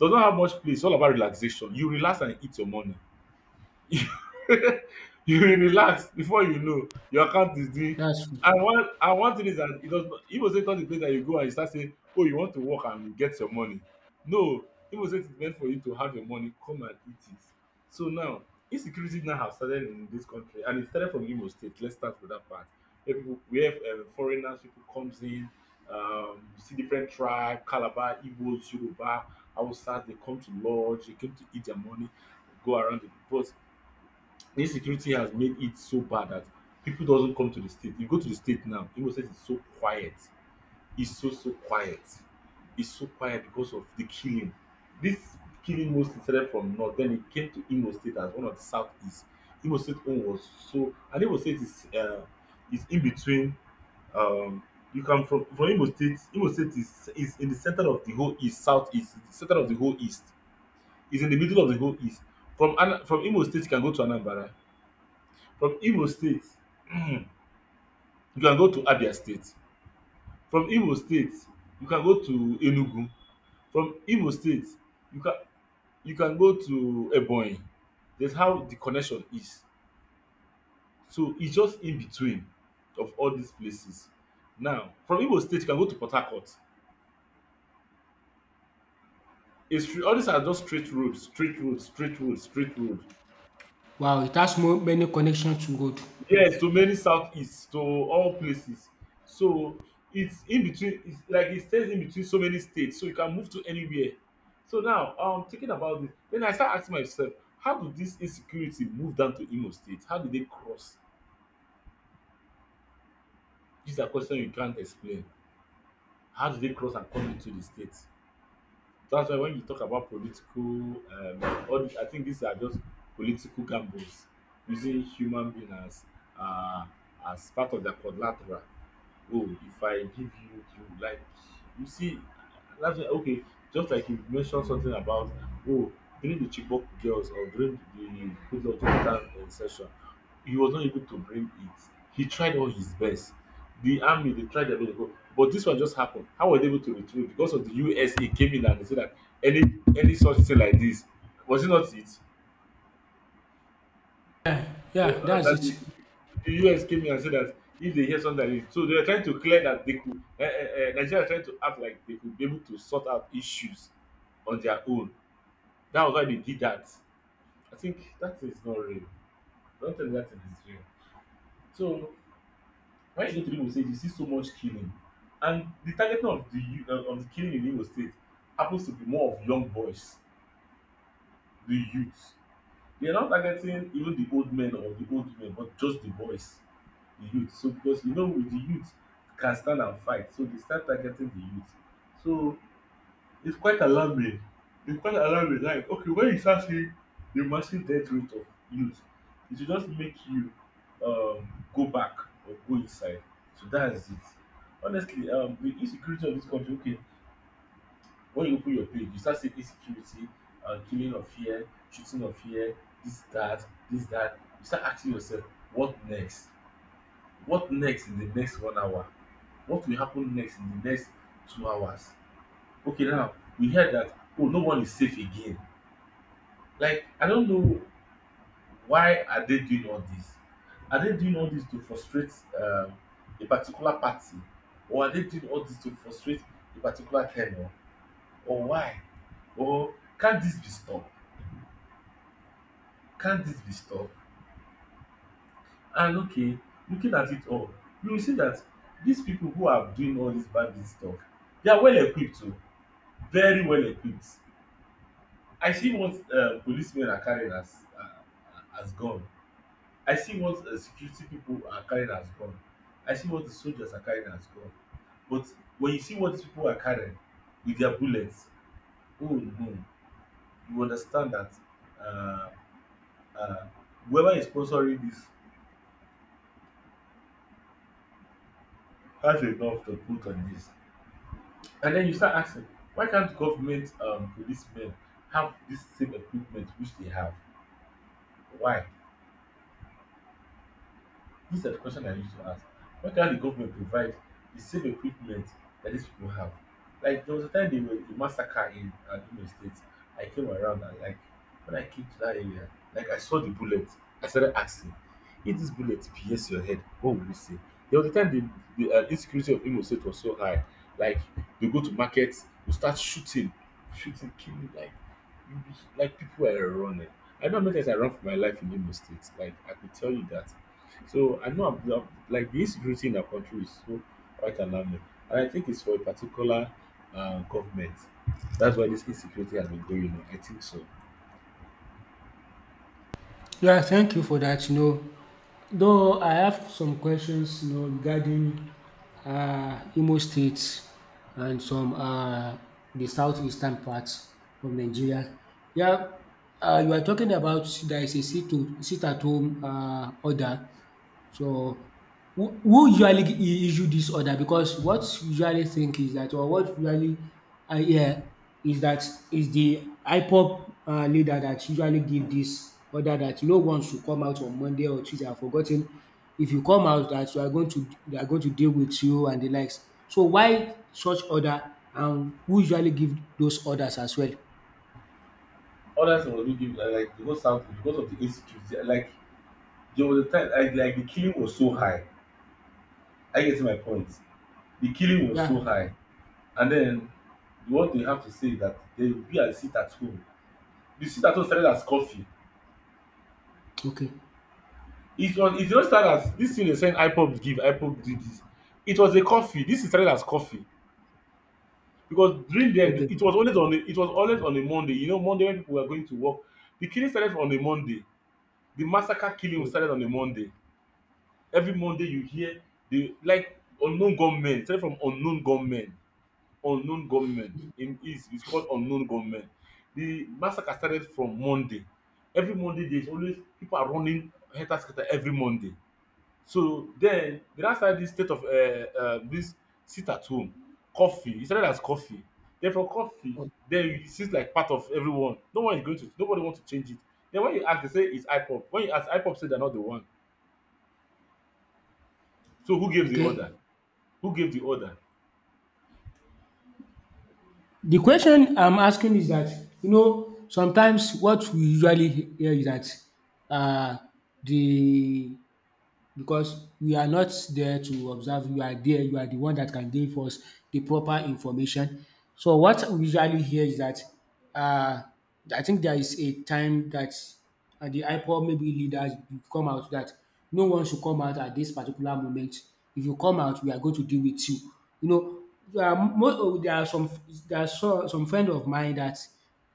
[SPEAKER 2] Does not have much place, it's all about relaxation. You relax and eat your money. You will relax before you know your account is doing.
[SPEAKER 1] That's—
[SPEAKER 2] And one thing is that it does not igbo say, turn the place that you go and you start saying, oh you want to work and you get your money. No, igbo say it is meant for you to have your money come and eat it. So now insecurity now have started in this country, and it started from igbo state, let's start with that part, where foreigners people comes in. You see different tribe, calabar, igbos, yoruba, hausa, they come to lodge, they come to eat their money, go around the, but insecurity has made it so bad that people doesn't come to the state. You go to the state now, Imo State is so quiet. It's so so quiet. It's so quiet because of the killing. This killing mostly started from north, then it came to Imo State as one of the southeast. Imo State own was so, and Imo State is, is in between, um you come from Imo State. Imo State is in the center of the whole east, southeast, the center of the whole east. It's in the middle of the whole east. From Imo State you can go to Anambra, from Imo state you can go to Abia state, from Imo state you can go to Enugu, from Imo state you can go to Ebonyi. That's how the connection is, so it's just in between of all these places. Now from Imo state you can go to Port Harcourt. It's straight, all these are just straight roads, straight roads, straight roads, straight road,
[SPEAKER 1] wow, it has more— many connection to road.
[SPEAKER 2] yes, to many southeast, to all places. So it's in between, it's like it stays in between so many states, so you can move to anywhere. So now, thinking about this, then I start asking myself, how do this insecurity move down to Imo State? How do they cross? These are questions you can't explain. How do they cross and come into the state? That's why when you talk about political, all this, I think these are just political gambles, using human being uh as part of their collateral. Oh, if I give you like, you see, that's why, okay, just like you mentioned something about oh, during the chibok girls, or during the Goodluck Jonathan, session, he was not able to bring it. He tried all his best, the army they tried their best to go, but this one just happened. How were they able to retrieve? Because of the USA came in and they said that any, such thing like this, was it not it,
[SPEAKER 1] Yeah, that's
[SPEAKER 2] that
[SPEAKER 1] it.
[SPEAKER 2] the US came in and said that if they hear something like this, so they are trying to clear that they could. Nigeria are trying to act like they could be able to sort out issues on their own. That was why they did that. I think that is not real. Don't tell me that it is real. So why Igbo people say you see so much killing, and the targeting of the of the killing in Igbo State happens to be more of young boys, the youth. They are not targeting even the old men or the old women, but just the boys, the youth. So because you know with the youth can stand and fight, so they start targeting the youth. So it's quite alarming, it's quite alarming. Like, okay, when you start seeing the massive death rate of youth, it should just make you, go back or go inside. So that is it. Honestly, the insecurity of this country, okay, when you open your page you start seeing insecurity, killing of here, shooting of here, this that, this that, you start asking yourself, what next, what next in the next 1 hour, what will happen next in the next 2 hours. Okay, now we heard that oh no one is safe again. Like I don't know, why are they doing all this? Are they doing all this to frustrate, um, a particular party, or are they doing all this to frustrate a particular tenor, or why? Or can this be stopped? Can this be stopped? And okay, looking at it all, you will see that these people who are doing all this bandit stuff, they are well equipped too, very well equipped. I see what, policemen are carrying as, gun. I see what, security people are carrying as gun. I see what the soldiers are carrying as gun. But when you see what these people are carrying with their bullets, oh no, you understand that, uh, uh, whoever is sponsoring this has enough to put on this. And then you start asking, why can't government, policemen have this same equipment which they have? Why? This is the question I used to ask. Why can't the government provide the same equipment that these people have? Like there was a time they were the massacre in Adum State. I came around and like when I came to that area, like I saw the bullet. I started asking, if this bullet pierce your head, what will you say? There was a time the insecurity of Imo State was so high. Like they go to markets, we start shooting, shooting, killing, like you- like people were running. I know many times I run for my life in Imo State. Like I could tell you that, so I know like the insecurity in our country is so quite alarming, and I think it's for a particular government. That's why this insecurity has been going on. I think so.
[SPEAKER 1] Yeah, thank you for that. You know, though I have some questions, you know, regarding Imo State and some the southeastern parts of Nigeria. Yeah, you are talking about there is a sit to— sit at home order. So who— who usually I- issue this order? Because what usually think is that, or what usually I hear is that, is the IPOP leader that usually give this order that no one should come out on Monday or Tuesday. I've forgotten if you come out that you are going to they are going to deal with you and the likes. So why such order, and who usually give those orders as well?
[SPEAKER 2] Others was really give, like, like because of the insecurity. Like there was a time like the killing was so high. I get my point. The killing was so
[SPEAKER 1] Yeah.
[SPEAKER 2] high, and then what they have to say is that they will be at sit at home. The sit at home started as coffee.
[SPEAKER 1] Okay.
[SPEAKER 2] It just started as this thing they saying IPOB give, IPOB do this. It was a coffee. This is started as coffee. Because during then
[SPEAKER 1] Okay.
[SPEAKER 2] it was always on a Monday. You know, Monday when people were going to work. The killing started on a Monday. The massacre killing
[SPEAKER 1] Okay.
[SPEAKER 2] started on a Monday. Every Monday you hear the, like, unknown gunmen, started from unknown gunmen, unknown gunmen. In is it's called unknown gunmen. The massacre started from Monday. Every Monday there's always people are running helter every Monday. So then, dey now start this state of dis sit at home coffee. E started as coffee. Den from curfew den e seems like part of everyone no one is going to nobody wants to change it. Then when you ask they say its ipop. When you ask ipop, say they are not the one. So who gave the order?
[SPEAKER 1] Okay.
[SPEAKER 2] Who gave the order?
[SPEAKER 1] The question I'm asking is that, you know, sometimes what we usually hear is that uh, the, because we are not there to observe, you are there, you are the one that can give us the proper information. So what we usually hear is that, uh, I think there is a time that the IPOB maybe leaders come out that no one should come out at this particular moment. If you come out, we are going to deal with you. You know, there are some, some friend of mine that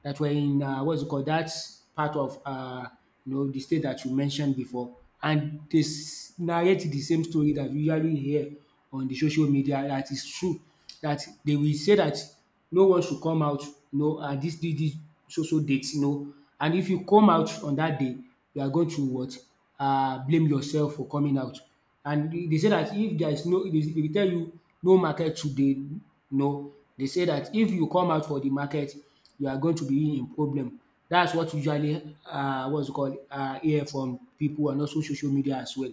[SPEAKER 1] were in what's it called, that part of you know, the state that you mentioned before, and they narrate the same story that we usually hear on the social media. That is true. That they will say that no one should come out. You know, this so so date. You know, and if you come out on that day, you are going to what, blame yourself for coming out. And they say that if there is no, they will tell you no market today. No, they say that if you come out for the market, you are going to be in problem. That's what usually what's it called, hear from people and also social media as well.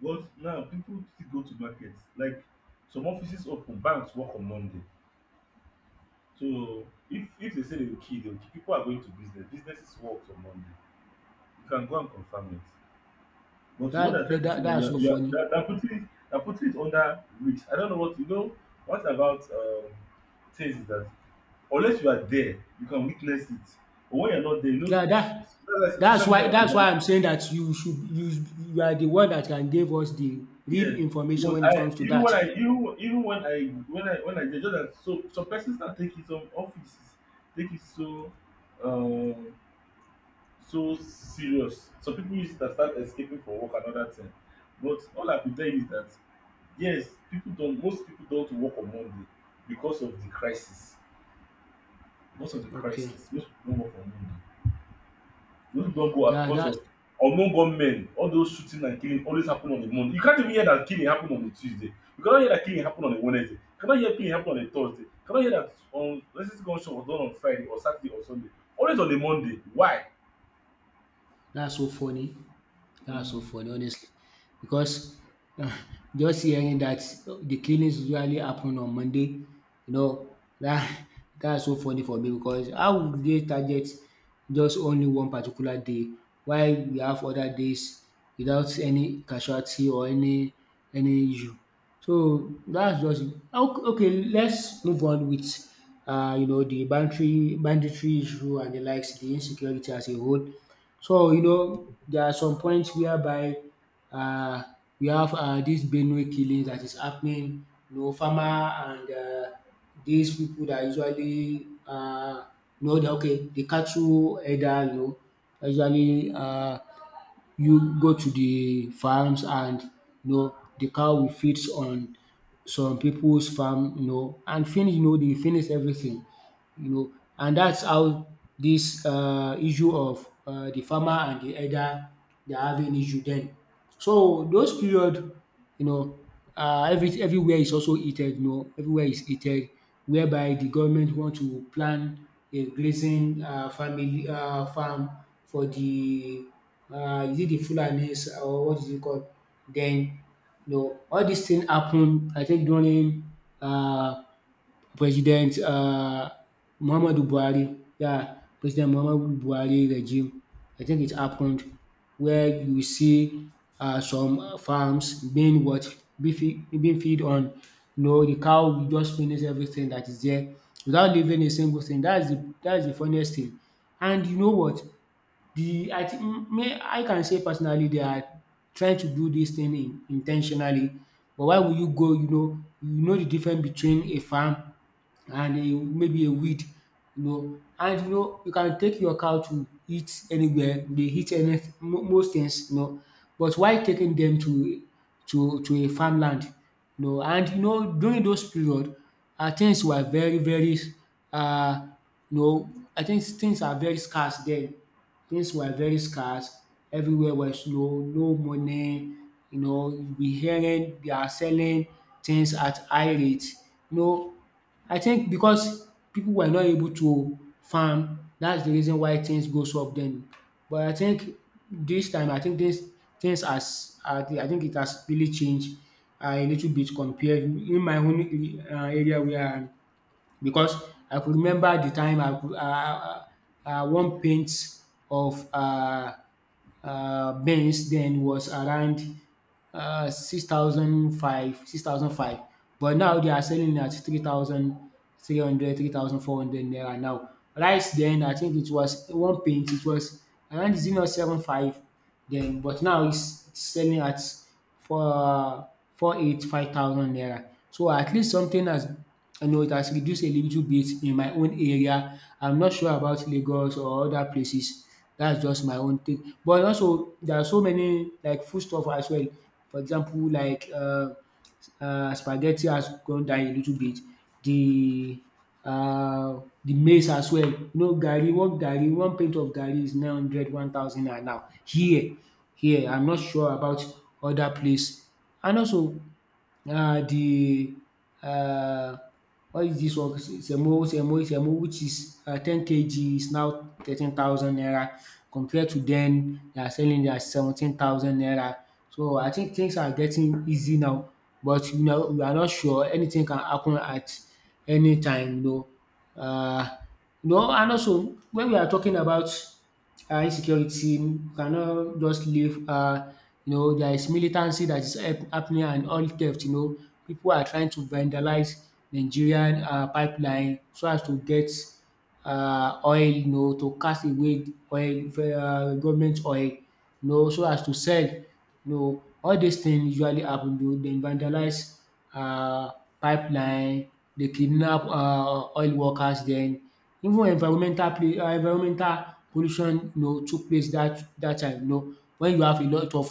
[SPEAKER 2] But now people still go to markets. Like some offices open, banks work on Monday. So if they say they will kill, they will kill. People are going to business, businesses work on Monday. You can go and confirm it. But what I'm
[SPEAKER 1] That
[SPEAKER 2] trying
[SPEAKER 1] that
[SPEAKER 2] to
[SPEAKER 1] that
[SPEAKER 2] say that
[SPEAKER 1] that's
[SPEAKER 2] you're
[SPEAKER 1] so
[SPEAKER 2] you're
[SPEAKER 1] funny.
[SPEAKER 2] they're putting it, they're putting it under risk. I don't know what you know. What about things is that unless you are there, you can witness it. But when you're not there, you know,
[SPEAKER 1] Yeah, that
[SPEAKER 2] that's why social media is
[SPEAKER 1] that's
[SPEAKER 2] an-
[SPEAKER 1] why I'm saying that you should, you are the one that can give us the real
[SPEAKER 2] yes.
[SPEAKER 1] information
[SPEAKER 2] Because
[SPEAKER 1] when it
[SPEAKER 2] I,
[SPEAKER 1] comes to
[SPEAKER 2] even
[SPEAKER 1] that.
[SPEAKER 2] when I even even when I when I when I did just that, so some persons now taking some offices take it so, um so serious. Some people use it and start escaping for work and other thing. But all I could tell you is that, yes, people don't most people don't work on Monday because of the crisis. Because of the
[SPEAKER 1] Okay.
[SPEAKER 2] crisis, most people don't work on Monday. Most people don't go out
[SPEAKER 1] Yeah,
[SPEAKER 2] because
[SPEAKER 1] that.
[SPEAKER 2] of unknown gunmen. All those shooting and killing always happen on a Monday. You can't even hear that killing happen on a Tuesday. You cannot hear that killing happen on a Wednesday. You cannot hear killing happen on a Thursday. You cannot hear that racist gunshot was done on Friday or Saturday or Sunday. Always on a Monday. Why?
[SPEAKER 1] That's so funny. That's so
[SPEAKER 2] Mm,
[SPEAKER 1] funny, honestly. Because, uh, just hearing that the killings usually happen on Monday, you know, that that's so funny for me, because how would they target just only one particular day? Why we have other days without any casualty, or any issue? So that's just it. Okay. Okay, let's move on with you know, the banditry issue and the likes, the insecurity as a whole. So you know there are some points whereby um we have this Benue killing that is happening, you know, farmer and dis pipu dat usually you know, the okay, the cattle herder, you know, usually you go to the farms, and you know de cow will feeds on some people's farm, you know, and finish, you know, dey finish everything, you know. And that's how this issue of the farmer and the herder, they are having issue then. So those period, you know, everywhere is also heated, you know, everywhere is heated, whereby the government want to plan a grazing family farm for the is it the Fulanis or what is it called? Then you know all these things happen, I think, during um President Muhammadu Buhari, yeah, President Muhammadu Buhari regime. I think it happened where you see some farms being what? Being feed on, you know the cow will just finish everything that is there without leaving a single thing. That's the funniest thing. And you know what? The, I think, I can say personally they are trying to do this thing in but why will you go, you know, you know the difference between a farm and a maybe a weed, you know, and you know you can take your cow to eat anywhere. They eat any mo most things, you know, but why taking them to a farmland, you know. And you know during those period, things were very uh. you know, I think things are very scarce then. Things were very scarce. Everywhere was, no no money. You know, you be hearing they are selling things at high rate. You know, I think because people were not able to farm, that's the reason why things goes up then. But I think this time, I think this things has, I think it has really changed a little bit compared in my own area where i, because I could remember the time I could one paint of Benz then was around six thousand five, but now they are selling at 3,300, 3,400 naira now. Rice then, I think it was one paint, it was around zero seven five then, but now it's selling at for 4,85,000 naira. So at least something has, you know, it has reduced a little bit in my own area. I'm not sure about Lagos or other places. That's just my own thing. But also there are so many like foodstuff as well. For example, like spaghetti has gone down a little bit, the uh, the maize as well. You know garri, one plate of garri is 900, 1,000 naira now here. I'm not sure about other place. And also the uh what is this one? Semo, which is 10 kg, is now 13,000 naira compared to then they are selling it at 17,000 naira. So I think things are getting easy now, but you know we are not sure, anything can happen at any time, you know. uh, you know. And also when we are talking about insecurity, you cannot just live, you know there is militancy that is happening, and oil theft, you know, people are trying to vandalize Nigerian pipeline so as to get oil, you know, to cast away oil, government oil, you know, so as to sell, you know. All these things usually happen, you know, dem vandalize um pipeline. They kidnap oil workers then. Even environmental pollution, you know, took place that that time, you know, when you have a lot of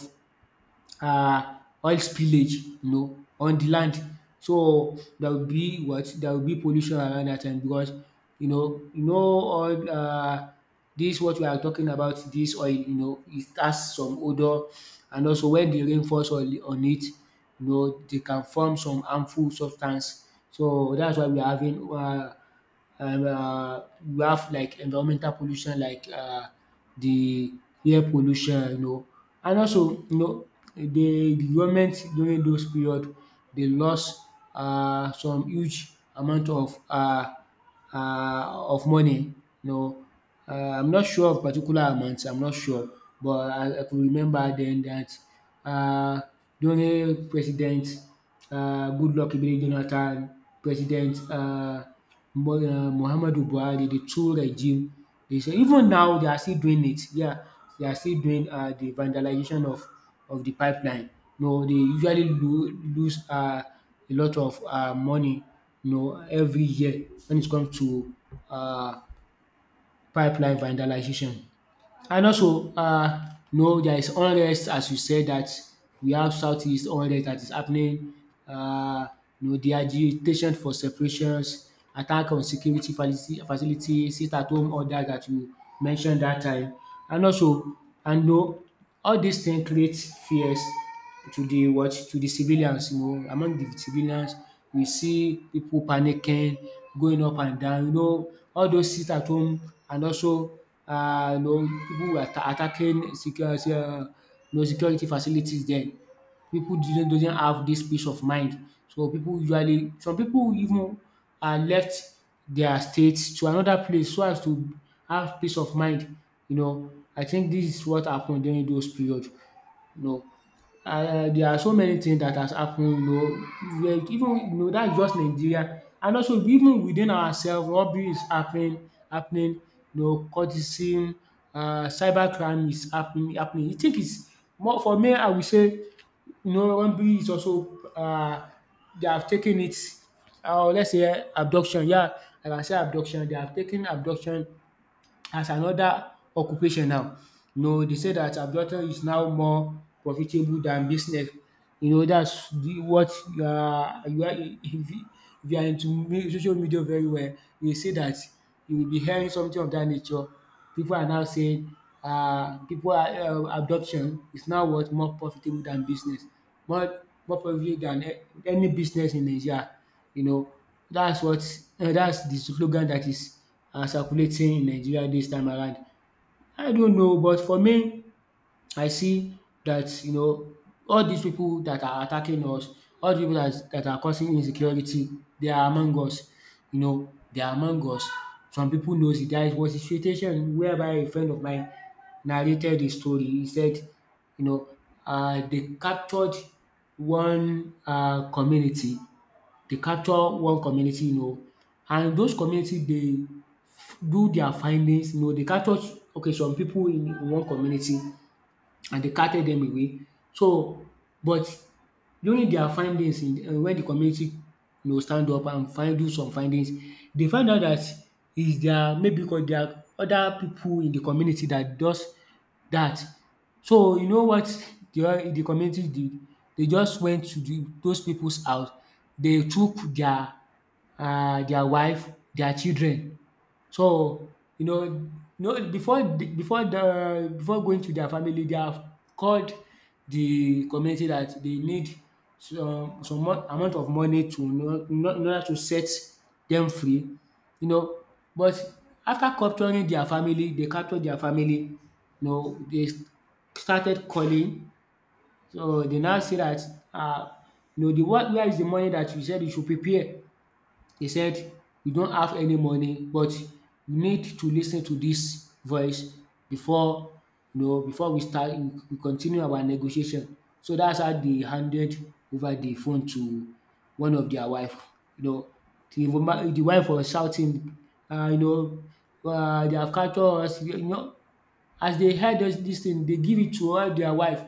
[SPEAKER 1] um oil spillage, you know, on the land. So there will be what? There will be pollution around that time, because you know, you know all dis what we are talking about, this oil, you know it has some odour, and also when the rain falls on it, you know they can form some harmful substance. So that's why we are having um uh, you have like environmental pollution, like the air pollution, you know. And also you know the government during those period, they lost some huge amount um of money, you know. I'm not sure of particular amounts. I'm not sure, but I could remember then that, um during President Goodluck Ebele Jonathan, President Muhammadu Buhari, the 2 regime, they say even now they are still doing it. Yeah, they are still doing the vandalization of the pipeline. No, they usually lose a lot of money, you know, every year when it comes to um pipeline vandalization. And also you know there is unrest, as you said, that we have southeast unrest that is happening, um you know, de agitation for separations, attack on security facility, sit at home order that you mentioned that time. And also, and you know, all these things create fears to the what, to the civilians, you know, among the civilians, we see people panicking, going up and down, you know, all those sit at home. And also, you know people were attacking security you know security facilities then. People didn't doesn't have this peace of mind, so people usually, some people even left their state to another place so as to have peace of mind, you know. I think this is what happened during those period, you know. There are so many things that has happened, you know. We are even, you know, dat is just Nigeria. And also, even within ourself, robbery is happening, you know. Courtesy, cyber crime is happening. You think is more, for me I will say, you know, robbery is also they have taken it, or let's say abduction, yeah, like I can say abduction, they have taken abduction as another occupation now. You know, they say that adultery is now more profitable than business. You know, that's the what, you are, if you, if you are into me social media very well, you will see that you will be hearing something of that nature. People are now saying, people are, adoption is now what, more profitable than business. More profitable than any business in Nigeria. You know, that's what that's the slogan that is circulating in Nigeria this time around. I don't know, but for me I see that all these people that are attacking us, all dis pipu that dat are causing insecurity they are among us, you know, they are among us. Some people knows it. There was a situation whereby a friend of mine narrated the story. He said, you know they captured one community, they capture one community you know and those community dey do their findings, you know. They capture, okay some pipu in one community, and they carted them away. So, but during their findings in when the community, stand up and find do some findings, they find out that is there maybe because there are other people in the community that does that. So you know what the community did? They just went to the those people's house. They took their wife, their children. So, you know, no, before the before going to their family, they have called the community that they need some amount of money to, in order to set them free, you know. But after capturing their family, they captured their family, you know, they started calling. So they now say that, um the what where is the money that you said you should prepare? He said, “You don't have any money, but you need to lis ten to this voice before, before we continue our negotiation.” So that's how they handed over the phone to one of their wife. You know, the wife was shouting, “they have captured us.” You know, as they hear this thing, they give it to all their wife,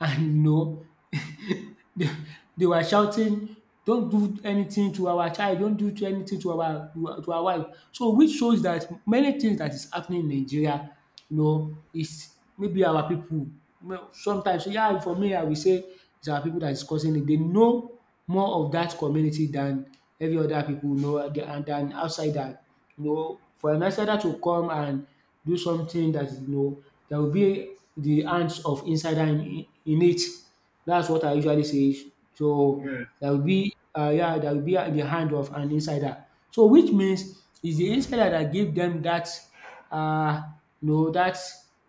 [SPEAKER 1] and no, they they were shouting, don't do anything to our child, don't do to anything to our wife. So, which shows that many things that is happening in Nigeria, is maybe our pipu sometimes. So, yeah, for me I will say is our people that is causing it. They know more of that community than every other people know, and than outsider. You know, for an outsider to come and do something, that you know, there will be the hands of insider in it. That's what I usually say. So
[SPEAKER 2] yes.
[SPEAKER 1] there will be yeah, there will be the hand of an insider. So which means is the insider that give them that, uh that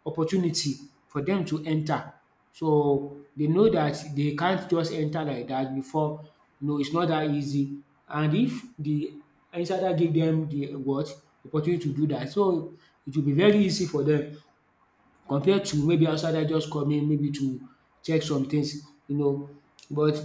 [SPEAKER 1] opportunity for them to enter. So they know that they can't just enter like that before. No, it's not that easy. And if the insider give them the what? Opportunity to do that, so it will be very easy for them, compared to maybe outsider just coming maybe to check some things, you know. But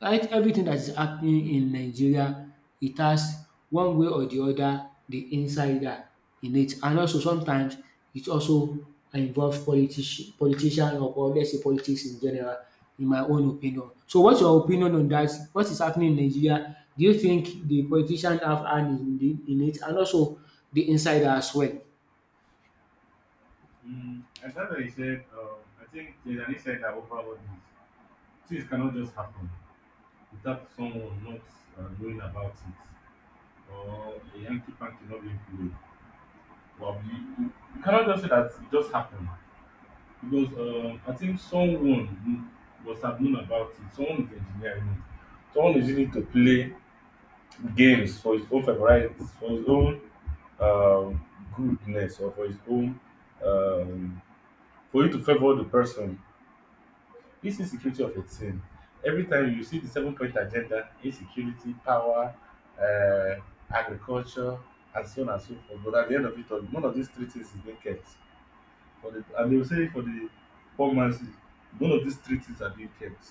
[SPEAKER 1] right, everything that is happening in Nigeria, it has one way or the other the insider in it. And also sometimes it also involves politician, or let's say politics in general, in my own opinion. So what's your opinion on that? What is happening in Nigeria? Do you think the politician have hand in the in it, and also the insider as well?
[SPEAKER 2] And that's why you said, I think there's an insight that overall this. Things cannot just happen without someone not, knowing about it, or a Yankee fan cannot be played. Well, you cannot just say that it just happened because, I think someone must have known about it. Someone is engineering it. Someone is using it to play games for his own favorite, for his own, um, goodness, or for his own, um, for you to favor the person. This insecurity of a thing, every time you see the seven point agenda, insecurity, power, uh, agriculture, and so on and so forth. But at the end of it all, none of these three things is being kept. For the, and they will say for the poor man's, none of these three things are being kept.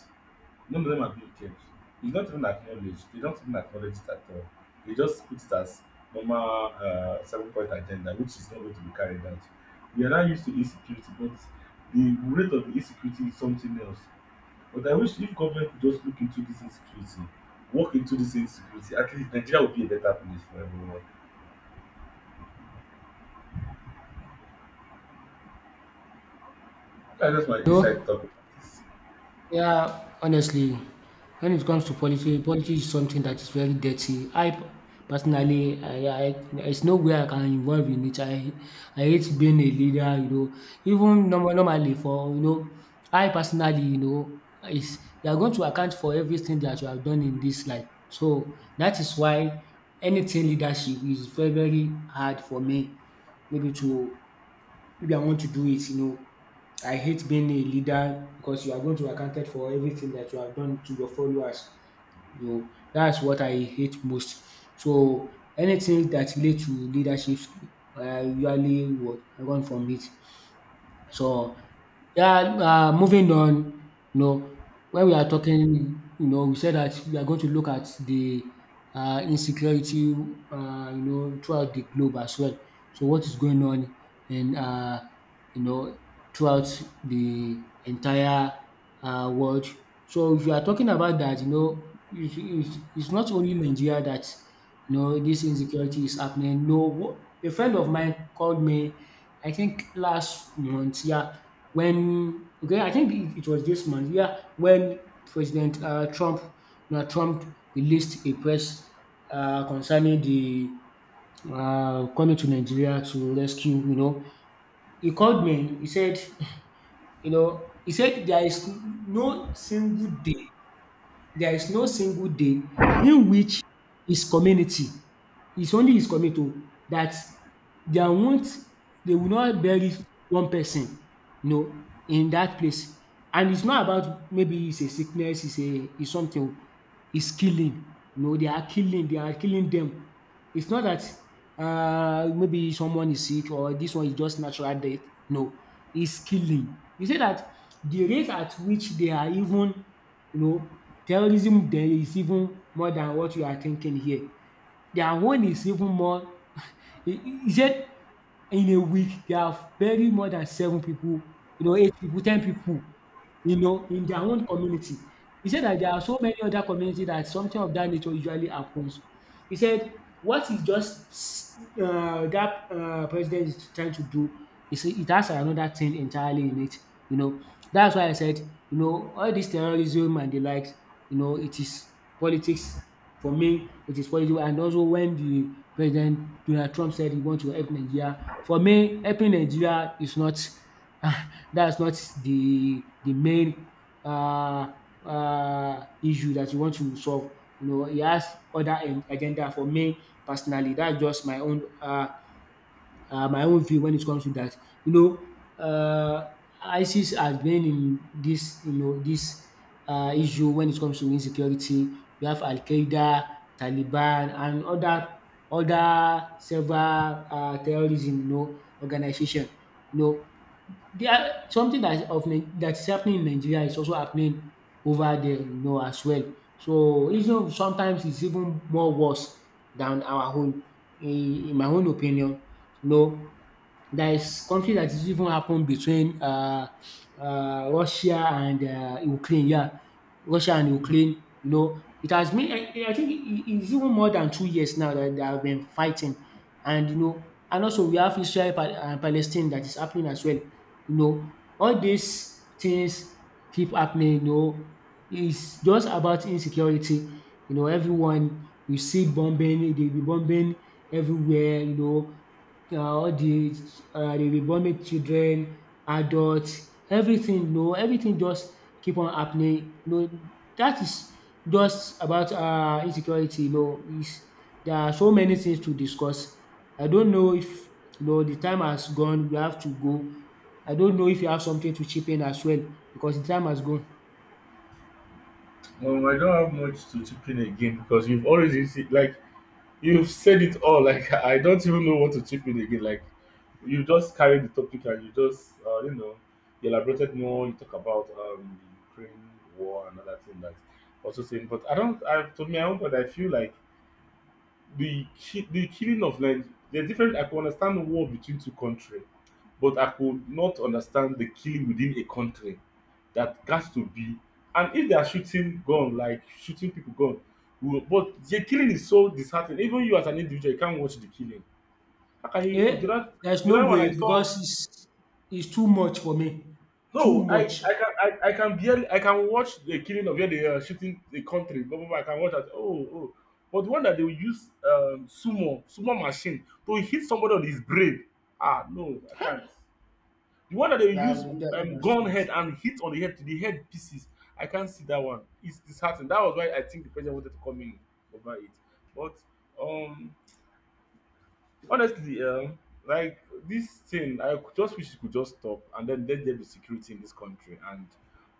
[SPEAKER 2] None of them are being kept. It's not even acknowledged. They don't even acknowledge it at all. They just put it as normal seven point agenda, which is not going to be carried out. We are now used to insecurity, but the rate of insecurity is something else. But I wish if government could just look into this insecurity, walk into this insecurity, at least Nigeria would be a better place for everyone. That's just my inside
[SPEAKER 1] No.
[SPEAKER 2] talk about this.
[SPEAKER 1] Yeah, honestly, when it comes to politics, politics is something that is very dirty. I, personally, I there's nowhere I can involve in it. I hate being a leader, you know. Even normally, for I personally, is you are going to account for everything that you have done in this life. So that is why anything leadership is very very hard for me. Maybe to maybe I want to do it, you know. I hate being a leader because you are going to be accounted for everything that you have done to your followers. You know, that's what I hate most. So anything that relate to leadership, I usually would run from it. So, yeah, moving on, you know, when we are talking, you know, we said that we are going to look at the insecurity, you know, throughout the globe as well. So, what is going on in, you know, throughout the entire world? So, if you are talking about that, you know, it's not only Nigeria that, you know, this insecurity is happening. No, a friend of mine called me I think last month. Yeah, when, okay, I think it was this month, yeah, when President Trump, Donald Trump, released a press concerning the coming to Nigeria to rescue. You know, he called me. He said, you know, he said there is no single day in which his community, it's only his community oh, that there won't they will not bury one person, you know, in that place. And it's not about maybe it's a sickness, it's a it's something oh is killing. No, they are killing them. It's not that maybe someone is sick, or this one is just natural death. No, it's killing. You say that the rate at which they are even, you know, terrorism there is even more than what you are thinking here. Their own is even more. He said in a week they have buried more than seven people, you know, eight people, 10 people, you know, in their own community. He said that there are so many other communities that something of that nature usually happens. He said what is just that president is trying to do is it has another thing entirely in it, you know. That's why I said, you know, all this terrorism and the likes, you know, it is politics. For me, it is possible, and also when the President Donald Trump said he wants to help Nigeria, for me, helping Nigeria is not, that's not the main uh issue that you want to solve. You know, he has other agenda, for me personally. That's just my own view when it comes to that. You know, um ISIS has been in this, you know, this issue when it comes to insecurity. We have Al-Qaeda, Taliban and other several terrorism, you know, organization. You know, they are something that of that is happening in Nigeria is also happening over there, you know, as well. So even sometimes it's even more worse than our own, in my own opinion. You know, there is conflict that is even happened between Russia and Ukraine. Yeah, Russia and Ukraine. You know, it has been, I think it's even more than 2 years now that they have been fighting, and, you know, and also we have Israel and Palestine that is happening as well. You know, all these things keep happening. You know, it's just about insecurity. You know, everyone, you see bombing, they be bombing everywhere. You know, all the vomit children, adults, everything. No, everything just keep on happening. No, that is just about insecurity. Is There are so many things to discuss. I don't know if the time has gone, we have to go. I don't know if you have something to chip in as well, because the time has gone.
[SPEAKER 2] I don't have much to chip in again because you've already see, like you've said it all. Like I don't even know what to chip in again. Like you just carried the topic and you just you know, you elaborated more. You talk about the Ukraine war and other thing that also saying. But I don't. I, to me, I don't. But I feel like the killing of Nige there's different. I could understand the war between two countries but I could not understand the killing within a country that has to be, and if they are shooting gun, like shooting people gun, we but the killing is so disheartening, even you as an individual you can't watch the killing. How can you?
[SPEAKER 1] um
[SPEAKER 2] Oh, the other,
[SPEAKER 1] there's
[SPEAKER 2] the
[SPEAKER 1] no
[SPEAKER 2] other one
[SPEAKER 1] way,
[SPEAKER 2] I saw,
[SPEAKER 1] because it's too much for me, too
[SPEAKER 2] no,
[SPEAKER 1] much.
[SPEAKER 2] I can barely. I can watch the killing of where they are shooting the country. But I can watch that. Oh, but the one that they will use, sumo sumo machine to hit somebody on his brain. Ah no, I can't. The one that they will use
[SPEAKER 1] That's
[SPEAKER 2] gun
[SPEAKER 1] too much.
[SPEAKER 2] head and hit on the head to the head pieces. I can't see that one. It's disheartening. That was why I think the president wanted to come in over it. But um honestly, like this thing, I could just wish it could just stop, and then let there be security in this country, and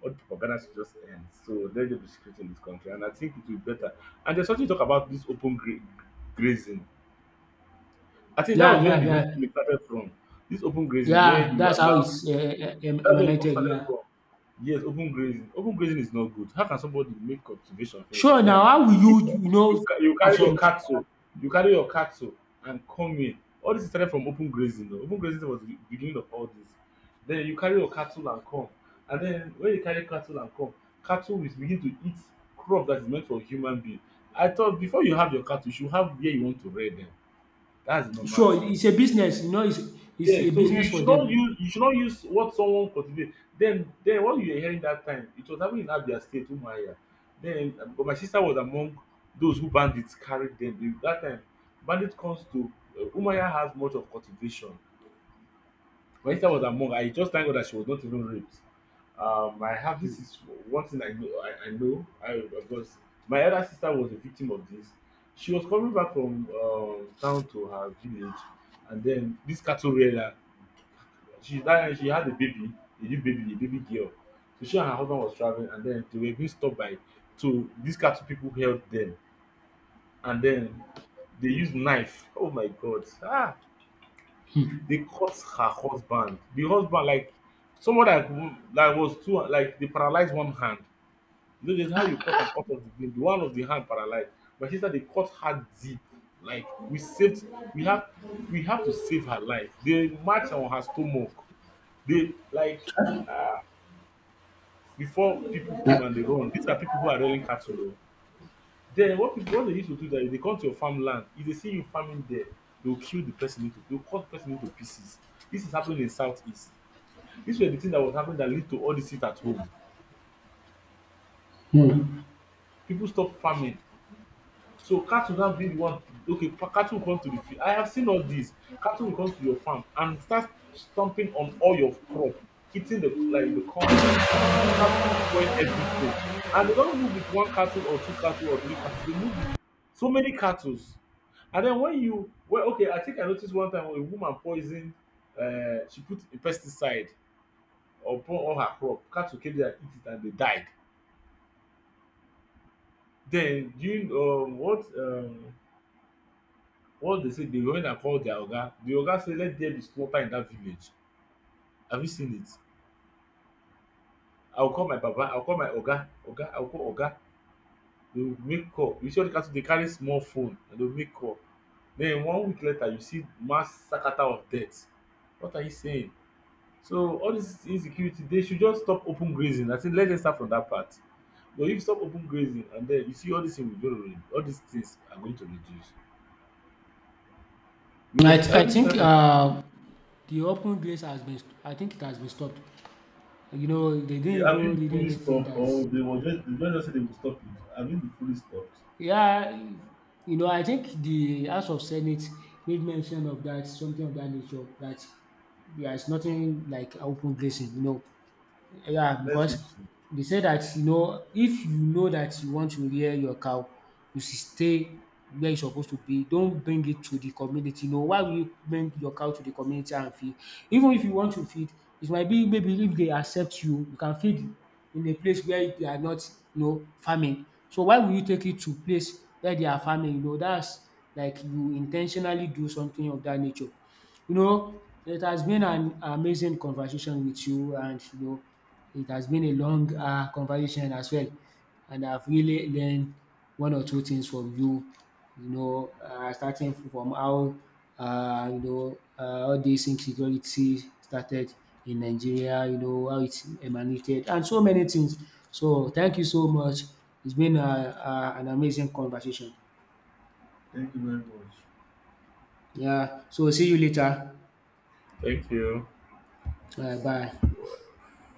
[SPEAKER 2] all the propaganda should just end. So let there be security in this country, and I think it will be better. And there's something to talk about this grazing. I think that
[SPEAKER 1] Yeah,
[SPEAKER 2] was where
[SPEAKER 1] yeah,
[SPEAKER 2] the
[SPEAKER 1] yeah.
[SPEAKER 2] whole thing started from. This open grazing, where
[SPEAKER 1] Yeah,
[SPEAKER 2] you
[SPEAKER 1] that's how
[SPEAKER 2] allow,
[SPEAKER 1] it's
[SPEAKER 2] that's where it all
[SPEAKER 1] emanated.
[SPEAKER 2] started
[SPEAKER 1] Yeah.
[SPEAKER 2] from. Yes, open grazing. Open grazing is not good. How can somebody make cultivation fields
[SPEAKER 1] Sure.
[SPEAKER 2] and then
[SPEAKER 1] Now, how will
[SPEAKER 2] you,
[SPEAKER 1] you, you know,
[SPEAKER 2] you
[SPEAKER 1] for
[SPEAKER 2] carry your
[SPEAKER 1] some?
[SPEAKER 2] cattle, you carry your cattle and come in. All this started from open grazing. Though, open grazing was the beginning of all this. Then you carry your cattle and come, and then when you carry cattle and come, cattle will begin to eat crop that is meant for human being. I thought before you have your cattle, you should have where you want to rear them. That's the normal
[SPEAKER 1] Sure,
[SPEAKER 2] thing.
[SPEAKER 1] it's a business. You know, it's
[SPEAKER 2] Yeah,
[SPEAKER 1] a
[SPEAKER 2] so
[SPEAKER 1] business for them.
[SPEAKER 2] you should not use what someone cultivate. Then what you were hearing that time, it was happening in Abia State, Umuahia. Then, but my sister was among those who bandits carried them. They- That time, bandit comes to, Umuahia has much of cultivation. My sister was
[SPEAKER 1] Okay.
[SPEAKER 2] among. I just thank God that she was not even raped. I have this is one thing I know. I know. I Because my elder sister was a victim of this. She was coming back from, town to her village, and then this cattle rearer, she that she had a baby, a new baby, a baby girl. So she and her husband was traveling, and then they were being stopped by two. These cattle people held them, and then they used knife. Oh my God! Ah, they cut her husband. The husband, like someone that that was too, like they paralyzed one hand. You know, there's how you cut and cut off the vein. The one of the hand paralyzed. But she said they cut her deep. Like we have we have to save her life. They marched on her stomach. They like, before people
[SPEAKER 1] Yeah.
[SPEAKER 2] came, and they run. These are people who are rearing cattle o. Then what people what they used to do that is they come to your farmland, if they see you farming there, they will kill the person into, they will cut the person into pieces. This is happening in southeast. This was the thing that was happening that led to all dis heat at home. People stop farming. So cat will now be the one, okay, cat will come to the field. I have seen all this. Cat will come to your farm and start stomping on all your crop, eating the like the corn, and start destroying everything. And they don't move with one cattle or two cattle or three cattle. They move with so many cattle. And then when you, well, okay, I think I noticed one time when a woman poisoned, she put a pesticide upon all her crop. Cattle came there and eat it and they died. Then during what what they say dey women call their oga, the oga say let there be slaughter in dat village, have you seen it? I will call my Papa. I will call my oga, oga, I will call oga. They will make call, you see all the cattle they carry small phone and they go make call. Then one week later you see mass sakata of death. What are you saying? So all this insecurity they should just stop open grazing, I say let them start from that part. But if you stop open grazing and then you see all these things are going to reduce because
[SPEAKER 1] I
[SPEAKER 2] everything
[SPEAKER 1] think
[SPEAKER 2] start from.
[SPEAKER 1] the open grace has been, I think it has been stopped. You know, they didn't
[SPEAKER 2] Yeah, have
[SPEAKER 1] even
[SPEAKER 2] been
[SPEAKER 1] read
[SPEAKER 2] fully
[SPEAKER 1] anything
[SPEAKER 2] stopped,
[SPEAKER 1] that,
[SPEAKER 2] or they just said they will stop it? Have been fully stopped?
[SPEAKER 1] yeah, you know, I think the House of Senate made mention of that, something of that nature, that there is nothing like open grazing, you know. Yeah,
[SPEAKER 2] Let's hope
[SPEAKER 1] because
[SPEAKER 2] so.
[SPEAKER 1] they say that, you know, if you know that you want to rear your cow, you should stay where you're supposed to be. Don't bring it to the community. No, why will you bring your cow to the community and feed? Even if you want to feed, it might be, maybe if they accept you, you can feed in a place where they are not, farming. So why will you take it to place where they are farming? You know, that's like you in ten tionally do something of that nature. You know, it has been an amazing conversation with you, and you know it has been a long conversation as well, and I've really learned one or two things from you, you know, starting from how, all this insecurity started in Nigeria, you know, how it emanated and so many things. So thank you so much. It's been an amazing conversation.
[SPEAKER 2] Thank you very much.
[SPEAKER 1] Yeah, so see you later.
[SPEAKER 2] Thank you.
[SPEAKER 1] Bye.